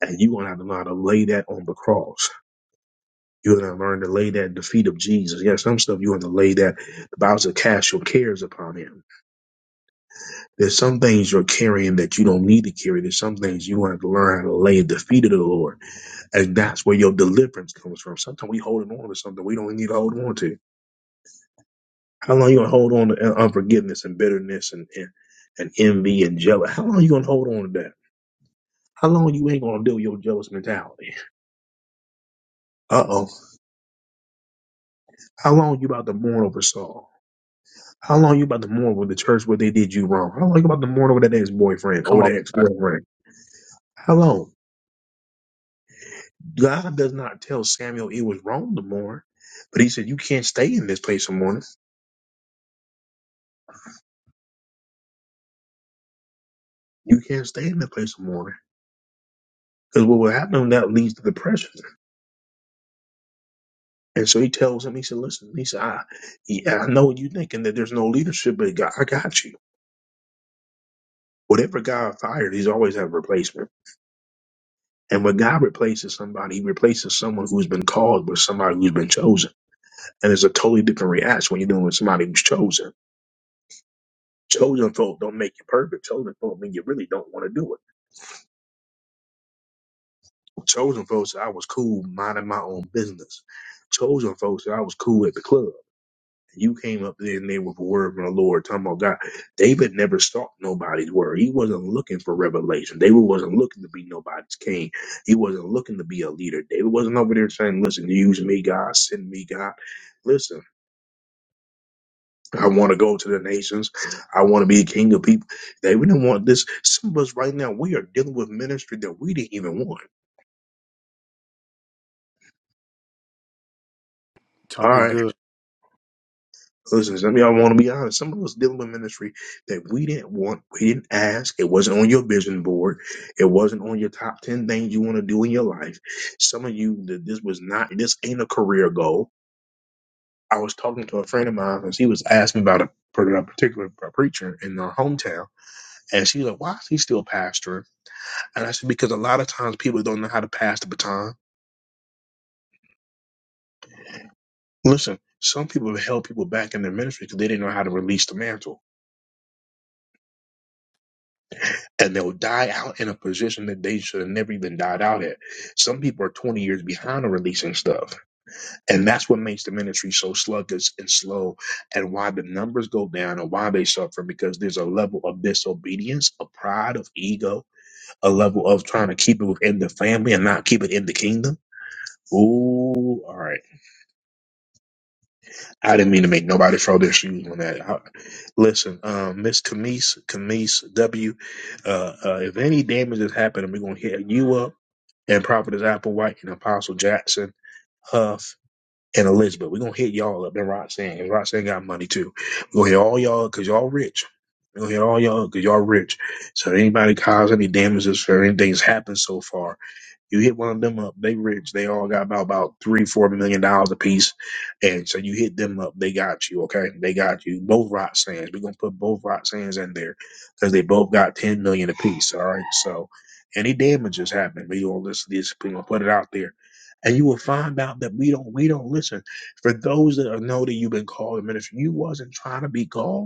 Speaker 1: And you're gonna have to learn how to lay that on the cross. You're going to learn to lay that at the feet of Jesus. Yeah, some stuff you're going to lay that. The Bible says cast your cares upon him. There's some things you're carrying that you don't need to carry. There's some things you want to learn how to lay at the feet of the Lord. And that's where your deliverance comes from. Sometimes we holding on to something we don't need to hold on to. How long you going to hold on to uh, unforgiveness and bitterness and, and, and envy and jealousy? How long you going to hold on to that? How long you ain't going to deal with your jealous mentality? Uh-oh. How long you about to mourn over Saul? How long you about to mourn with the church where they did you wrong? How long you about to mourn over that ex-boyfriend
Speaker 4: Come
Speaker 1: or
Speaker 4: on.
Speaker 1: that
Speaker 4: sir.
Speaker 1: ex-girlfriend? How long? God does not tell Samuel it was wrong to mourn, but he said you can't stay in this place of mourning. You can't stay in that place of mourning. Because what will happen that leads to depression. And so he tells him, he said, listen, he said, I, yeah, I know you thinking that there's no leadership, but God, I got you. Whatever God fired, he's always have a replacement. And when God replaces somebody, he replaces someone who's been called with somebody who's been chosen. And it's a totally different reaction when you're dealing with somebody who's chosen. Chosen folk don't make you perfect. Chosen folk mean you really don't want to do it. Chosen folks, I was cool minding my own business. Chosen folks, I was cool at the club. You came up there and they were a word from the Lord talking about God. David never sought nobody's word. He wasn't looking for revelation. David wasn't looking to be nobody's king. He wasn't looking to be a leader. David wasn't over there saying, Listen, use me, God, send me, God. Listen. I want to go to the nations. I want to be a king of people. They we didn't want this. Some of us right now, we are dealing with ministry that we didn't even want. All
Speaker 4: Talking
Speaker 1: right.
Speaker 4: good.
Speaker 1: Listen, some of y'all want to be honest. Some of us dealing with ministry that we didn't want. We didn't ask. It wasn't on your vision board. It wasn't on your top 10 things you want to do in your life. Some of you, th- this was not, this ain't a career goal. I was talking to a friend of mine and she was asking about a, a particular preacher in our hometown. And she was like, why is he still pastoring? And that's because a lot of times people don't know how to pass the baton. Listen, some people have held people back in their ministry because they didn't know how to release the mantle. And they'll die out in a position that they should have never even died out at. Some people are 20 years behind on releasing stuff. And that's what makes the ministry so sluggish and slow and why the numbers go down and why they suffer because there's a level of disobedience, a pride, of ego, a level of trying to keep it within the family and not keep it in the kingdom. Ooh, all right. I didn't mean to make nobody throw their shoes on that. I, listen, um, Miss Camise, Camise W. Uh, uh, if any damage has happened, we're gonna hit you up and Prophetess Applewhite and Apostle Jackson, Huff and Elizabeth. We're gonna hit y'all up and Roxanne. And Roxanne got money too. We're gonna hit all y'all because y'all rich. We're gonna hit all y'all because y'all rich. So if anybody cause any damages or anything's happened so far, you hit one of them up, they rich. They all got about about three, four million dollars a piece, and so you hit them up, they got you. Okay, they got you. Both rock sands. We're gonna put both rock sands in there because they both got ten million a piece. All right, so any damages happen, we gonna listen. to This we gonna put it out there, and you will find out that we don't we don't listen. For those that know that you've been called to ministry, you wasn't trying to be called.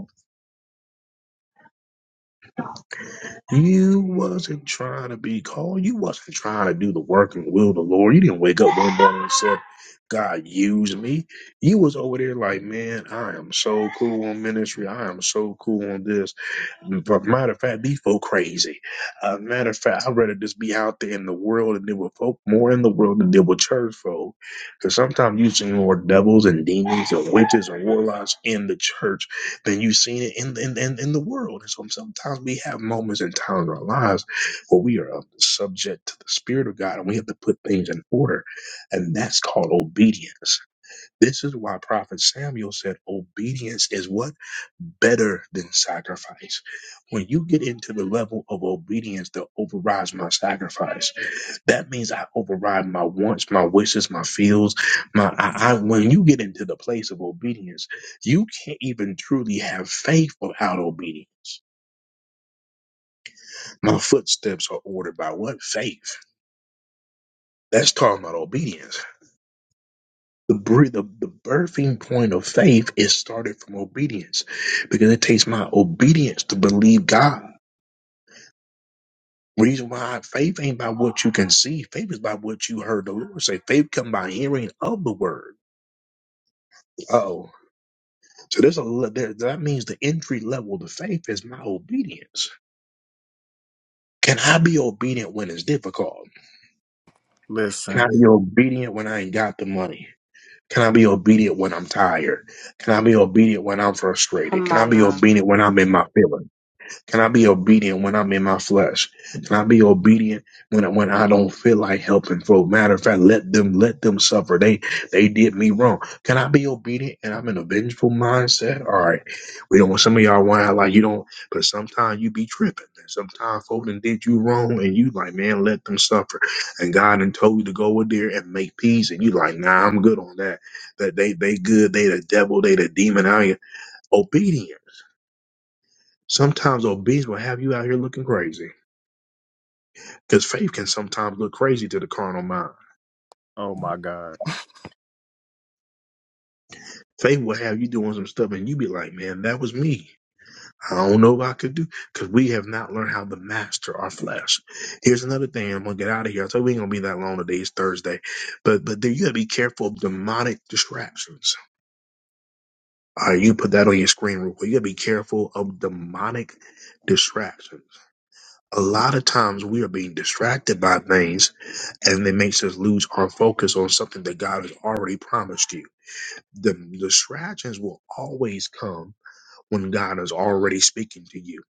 Speaker 1: You wasn't trying to be called. You wasn't trying to do the work and will of the Lord. You didn't wake up one morning and said, God use me. You was over there like, man, I am so cool on ministry. I am so cool on this. But matter of fact, these folk crazy. Uh, matter of fact, I'd rather just be out there in the world and deal with folk more in the world than deal with church folk. Because sometimes you see more devils and demons and witches and warlocks in the church than you've seen it in in, in, in the world. And so sometimes we have moments and times in our lives where we are subject to the Spirit of God and we have to put things in order. And that's called obedience. This is why Prophet Samuel said obedience is what? Better than sacrifice. When you get into the level of obedience that overrides my sacrifice, that means I override my wants, my wishes, my feels, my I, I when you get into the place of obedience, you can't even truly have faith without obedience. My footsteps are ordered by what? Faith. That's talking about obedience. the, br- the the birthing point of faith is started from obedience because it takes my obedience to believe God. Reason why faith ain't by what you can see. Faith is by what you heard the Lord say. Faith come by hearing of the word. Oh, so there's a le- there, that means the entry level to faith is my obedience. Can I be obedient when it's difficult? Can
Speaker 4: Listen.
Speaker 1: I be obedient when I ain't got the money? Can I be obedient when I'm tired? Can I be obedient when I'm frustrated?
Speaker 2: Come
Speaker 1: Can I
Speaker 2: on
Speaker 1: be
Speaker 2: now.
Speaker 1: obedient when I'm in my feelings? Can I be obedient when I'm in my flesh? Can I be obedient when when I don't feel like helping folk? Matter of fact, let them let them suffer. They they did me wrong. Can I be obedient and I'm in a vengeful mindset? All right, we don't. Some of y'all want to act like you don't, but sometimes you be tripping. Sometimes folk done did you wrong, and you like, man, let them suffer. And God done told you to go over there and make peace, and you like, nah, I'm good on that. That they they good. They the devil. They the demon. I ain't obedient. Sometimes obedience will have you out here looking crazy. Because faith can sometimes look crazy to the carnal mind.
Speaker 4: Oh my God.
Speaker 1: Faith will have you doing some stuff and you be like, man, that was me. I don't know if I could do because we have not learned how to master our flesh. Here's another thing. I'm gonna get out of here. I told you we ain't gonna be that long today. It's Thursday, but but then you gotta be careful of demonic distractions. All right, you put that on your screen real quick. You gotta be careful of demonic distractions. a lot of times we are being distracted by things and it makes us lose our focus on something that God has already promised you. The distractions will always come when God is already speaking to you.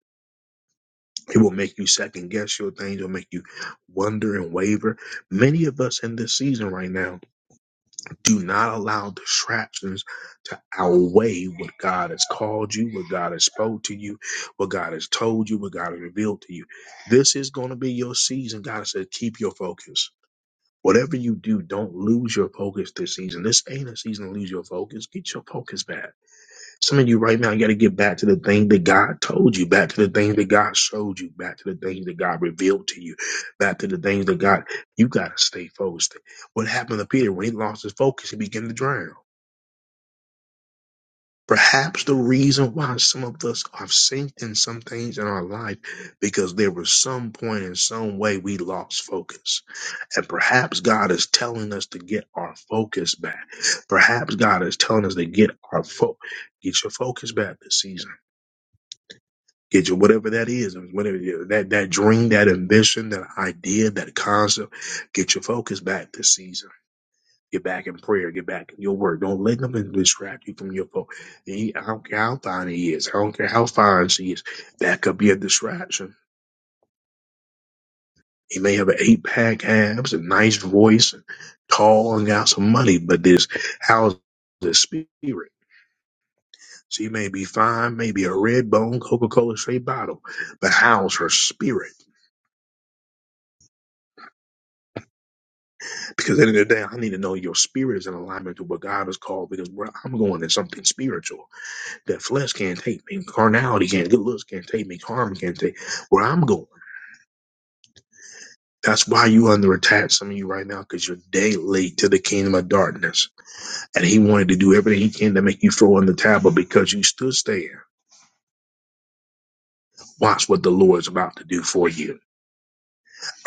Speaker 1: It will make you second guess your things, it will make you wonder and waver. Many of us in this season right now do not allow distractions to outweigh what God has called you, what God has spoke to you, what God has told you, what God has revealed to you. This is going to be your season. God said, keep your focus. Whatever you do, don't lose your focus this season. This ain't a season to lose your focus. Get your focus back. Some of you right now you got to get back to the thing that God told you, back to the things that God showed you, back to the things that God revealed to you, back to the things that God, you got to stay focused. What happened to Peter when he lost his focus, he began to drown. Perhaps the reason why some of us have sinked in some things in our life because there was some point in some way we lost focus. And perhaps God is telling us to get our focus back. Perhaps God is telling us to get our fo- get your focus back this season Get your whatever that is, whatever yeah, that that dream, that ambition, that idea, that concept. Get your focus back this season. Get back in prayer. Get back in your work. Don't let nothing distract you from your focus. I don't care how fine he is. I don't care how fine she is. That could be a distraction. He may have an eight pack abs, a nice voice, and tall, and got some money, but this how's the spirit? She may be fine, maybe a red bone Coca Cola straight bottle, but how's her spirit? Because at the end of the day, I need to know your spirit is in alignment to what God has called. Because where I'm going is something spiritual that flesh can't take me, carnality can't, good looks can't take me, karma can't take where I'm going. That's why you under attack, some of you right now, because you're day late to the kingdom of darkness. And he wanted to do everything he can to make you throw in the table because you stood there. Watch what the Lord is about to do for you.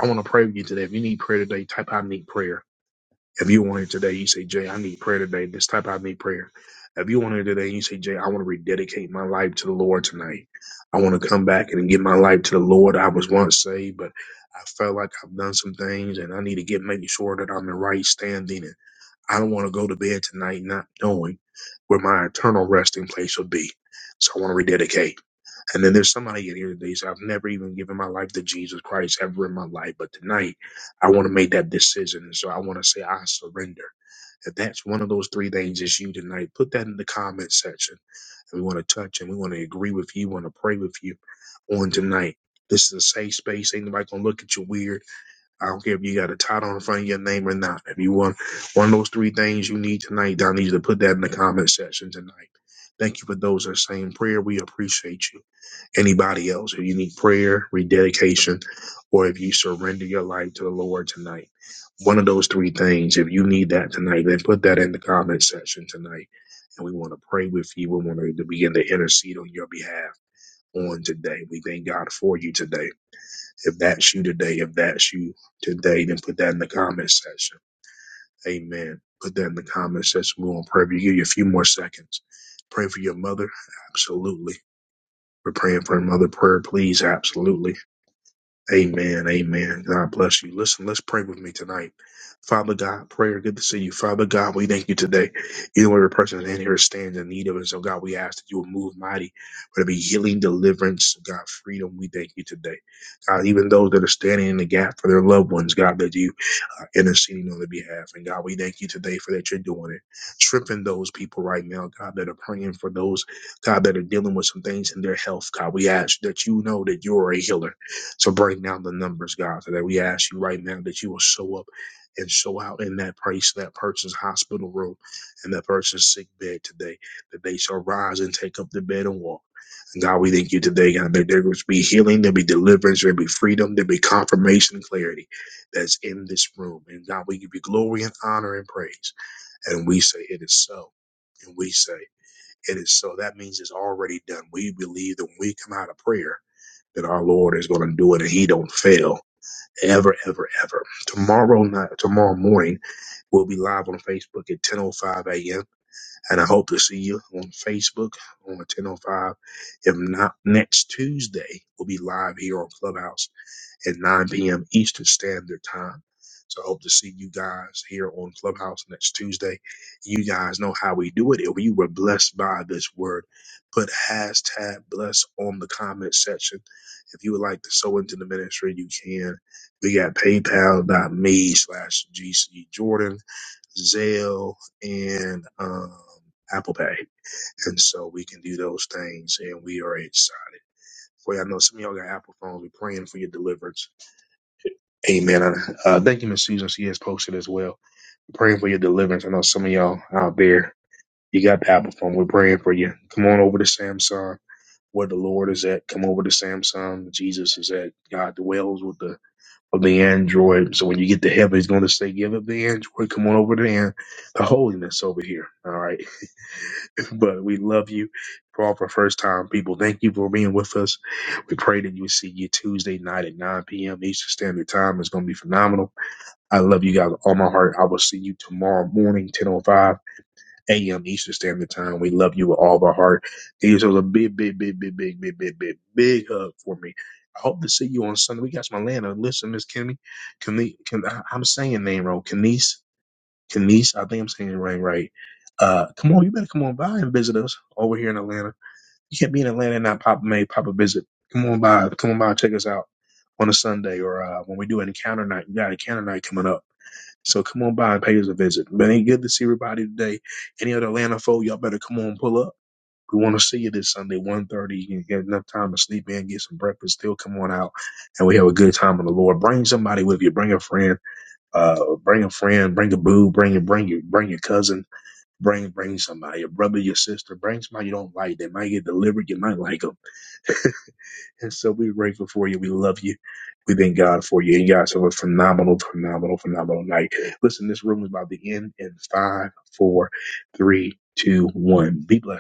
Speaker 1: I want to pray with you today. If you need prayer today, type I need prayer If you want it today, you say, Jay, I need prayer today. This type I need prayer. If you want it today, you say, Jay, I want to rededicate my life to the Lord tonight. I want to come back and give my life to the Lord. I was once saved, but I felt like I've done some things and I need to get making sure that I'm in right standing. And I don't want to go to bed tonight not knowing where my eternal resting place will be. So I want to rededicate. And then there's somebody in here today says, I've never even given my life to Jesus Christ ever in my life. But tonight, I want to make that decision. And so I want to say, I surrender. If that's one of those three things, it's you tonight. Put that in the comment section. And we want to touch and we want to agree with you, want to pray with you on tonight. This is a safe space. Ain't nobody gonna look at you weird. I don't care if you got a title in front of your name or not. If you want one of those three things you need tonight, I need you to put that in the comment section tonight. Thank you for those that are saying prayer. We appreciate you anybody else, if you need prayer, rededication, or if you surrender your life to the Lord tonight, one of those three things, if you need that tonight, then put that in the comment section tonight. And we want to pray with you. We want to begin to intercede on your behalf on today. We thank God for you today. If that's you today, if that's you today, then put that in the comment section. Amen. Put that in the comment section. We're going to pray for you. Give you a few more seconds. Pray for your mother. Absolutely. We're praying for her mother prayer, please. Absolutely. Amen. Amen. God bless you. Listen, let's pray with me tonight. Father God, prayer, good to see you. Father God, we thank you today. You know, every person in here stands in need of it. So, God, we ask that you would move mighty for to be healing, deliverance, God, freedom. We thank you today. God, even those that are standing in the gap for their loved ones, God, that you are interceding on their behalf. And God, we thank you today for that you're doing it. Strengthen those people right now, God, that are praying for those, God, that are dealing with some things in their health. God, we ask that you know that you're a healer. So break down the numbers, God, so that we ask you right now that you will show up and show out in that place, that person's hospital room and that person's sick bed today, that they shall rise and take up the bed and walk. And God, we thank you today, God, that there will be healing, there'll be deliverance, there'll be freedom, there'll be confirmation and clarity that's in this room. And God, we give you glory and honor and praise. And we say, it is so. And we say, it is so. That means it's already done. We believe that when we come out of prayer, that our Lord is going to do it and he don't fail ever, ever, ever. Tomorrow night, tomorrow morning, we'll be live on Facebook at 10.05 a.m. And I hope to see you on Facebook on 10.05. If not, next Tuesday, we'll be live here on Clubhouse at 9 p.m. Eastern Standard Time. So I hope to see you guys here on Clubhouse next Tuesday. You guys know how we do it. If you were blessed by this word, put hashtag bless on the comment section. If you would like to sow into the ministry, you can. We got paypal.me slash GC Jordan, Zelle, and um, Apple Pay. And so we can do those things, and we are excited. For y'all know some of y'all got Apple phones. We're praying for your deliverance Amen. Uh, thank you, Miss Susan. She has posted as well. Praying for your deliverance. I know some of y'all out there, you got the Apple phone. We're praying for you. Come on over to Samsung, where the Lord is at. Come over to Samsung. Jesus is at. God dwells with the of the Android. So when you get to heaven, He's going to say, "Give up the Android. Come on over to the, the holiness over here." All right. but we love you for all for first time people. Thank you for being with us. We pray that you see you Tuesday night at 9 p.m. Eastern Standard Time. It's going to be phenomenal. I love you guys with all my heart. I will see you tomorrow morning, 10.05 a.m. Eastern Standard Time. We love you with all of our heart. Give yourselves a big, big, big, big, big, big, big, big, big hug for me. I hope to see you on Sunday. We got some Atlanta. Listen, Miss Kimmy, Kimmy, Kim, I- I'm saying your name wrong. Kenise, Kenise, I think I'm saying your name right. Uh, come on, you better come on by and visit us over here in Atlanta. You can't be in Atlanta and not pop, make pop a visit. Come on by, come on by, and check us out on a Sunday or uh, when we do an encounter night. We got an encounter night coming up so come on by and pay us a visit. But ain't good to see everybody today. Any other Atlanta folk, y'all better come on pull up. We want to see you this Sunday, one thirty. You can get enough time to sleep in, get some breakfast, still come on out. And we have a good time in the Lord. Bring somebody with you. Bring a friend. Uh, bring a friend. Bring a boo. Bring your, bring your, bring your cousin. Bring, bring somebody, your brother, your sister. Bring somebody you don't like. They might get delivered. You might like them. And so we're grateful for you. We love you. We thank God for you. And you guys have a phenomenal, phenomenal, phenomenal night. Listen, this room is about to end in five, four, three, two, one. Be blessed.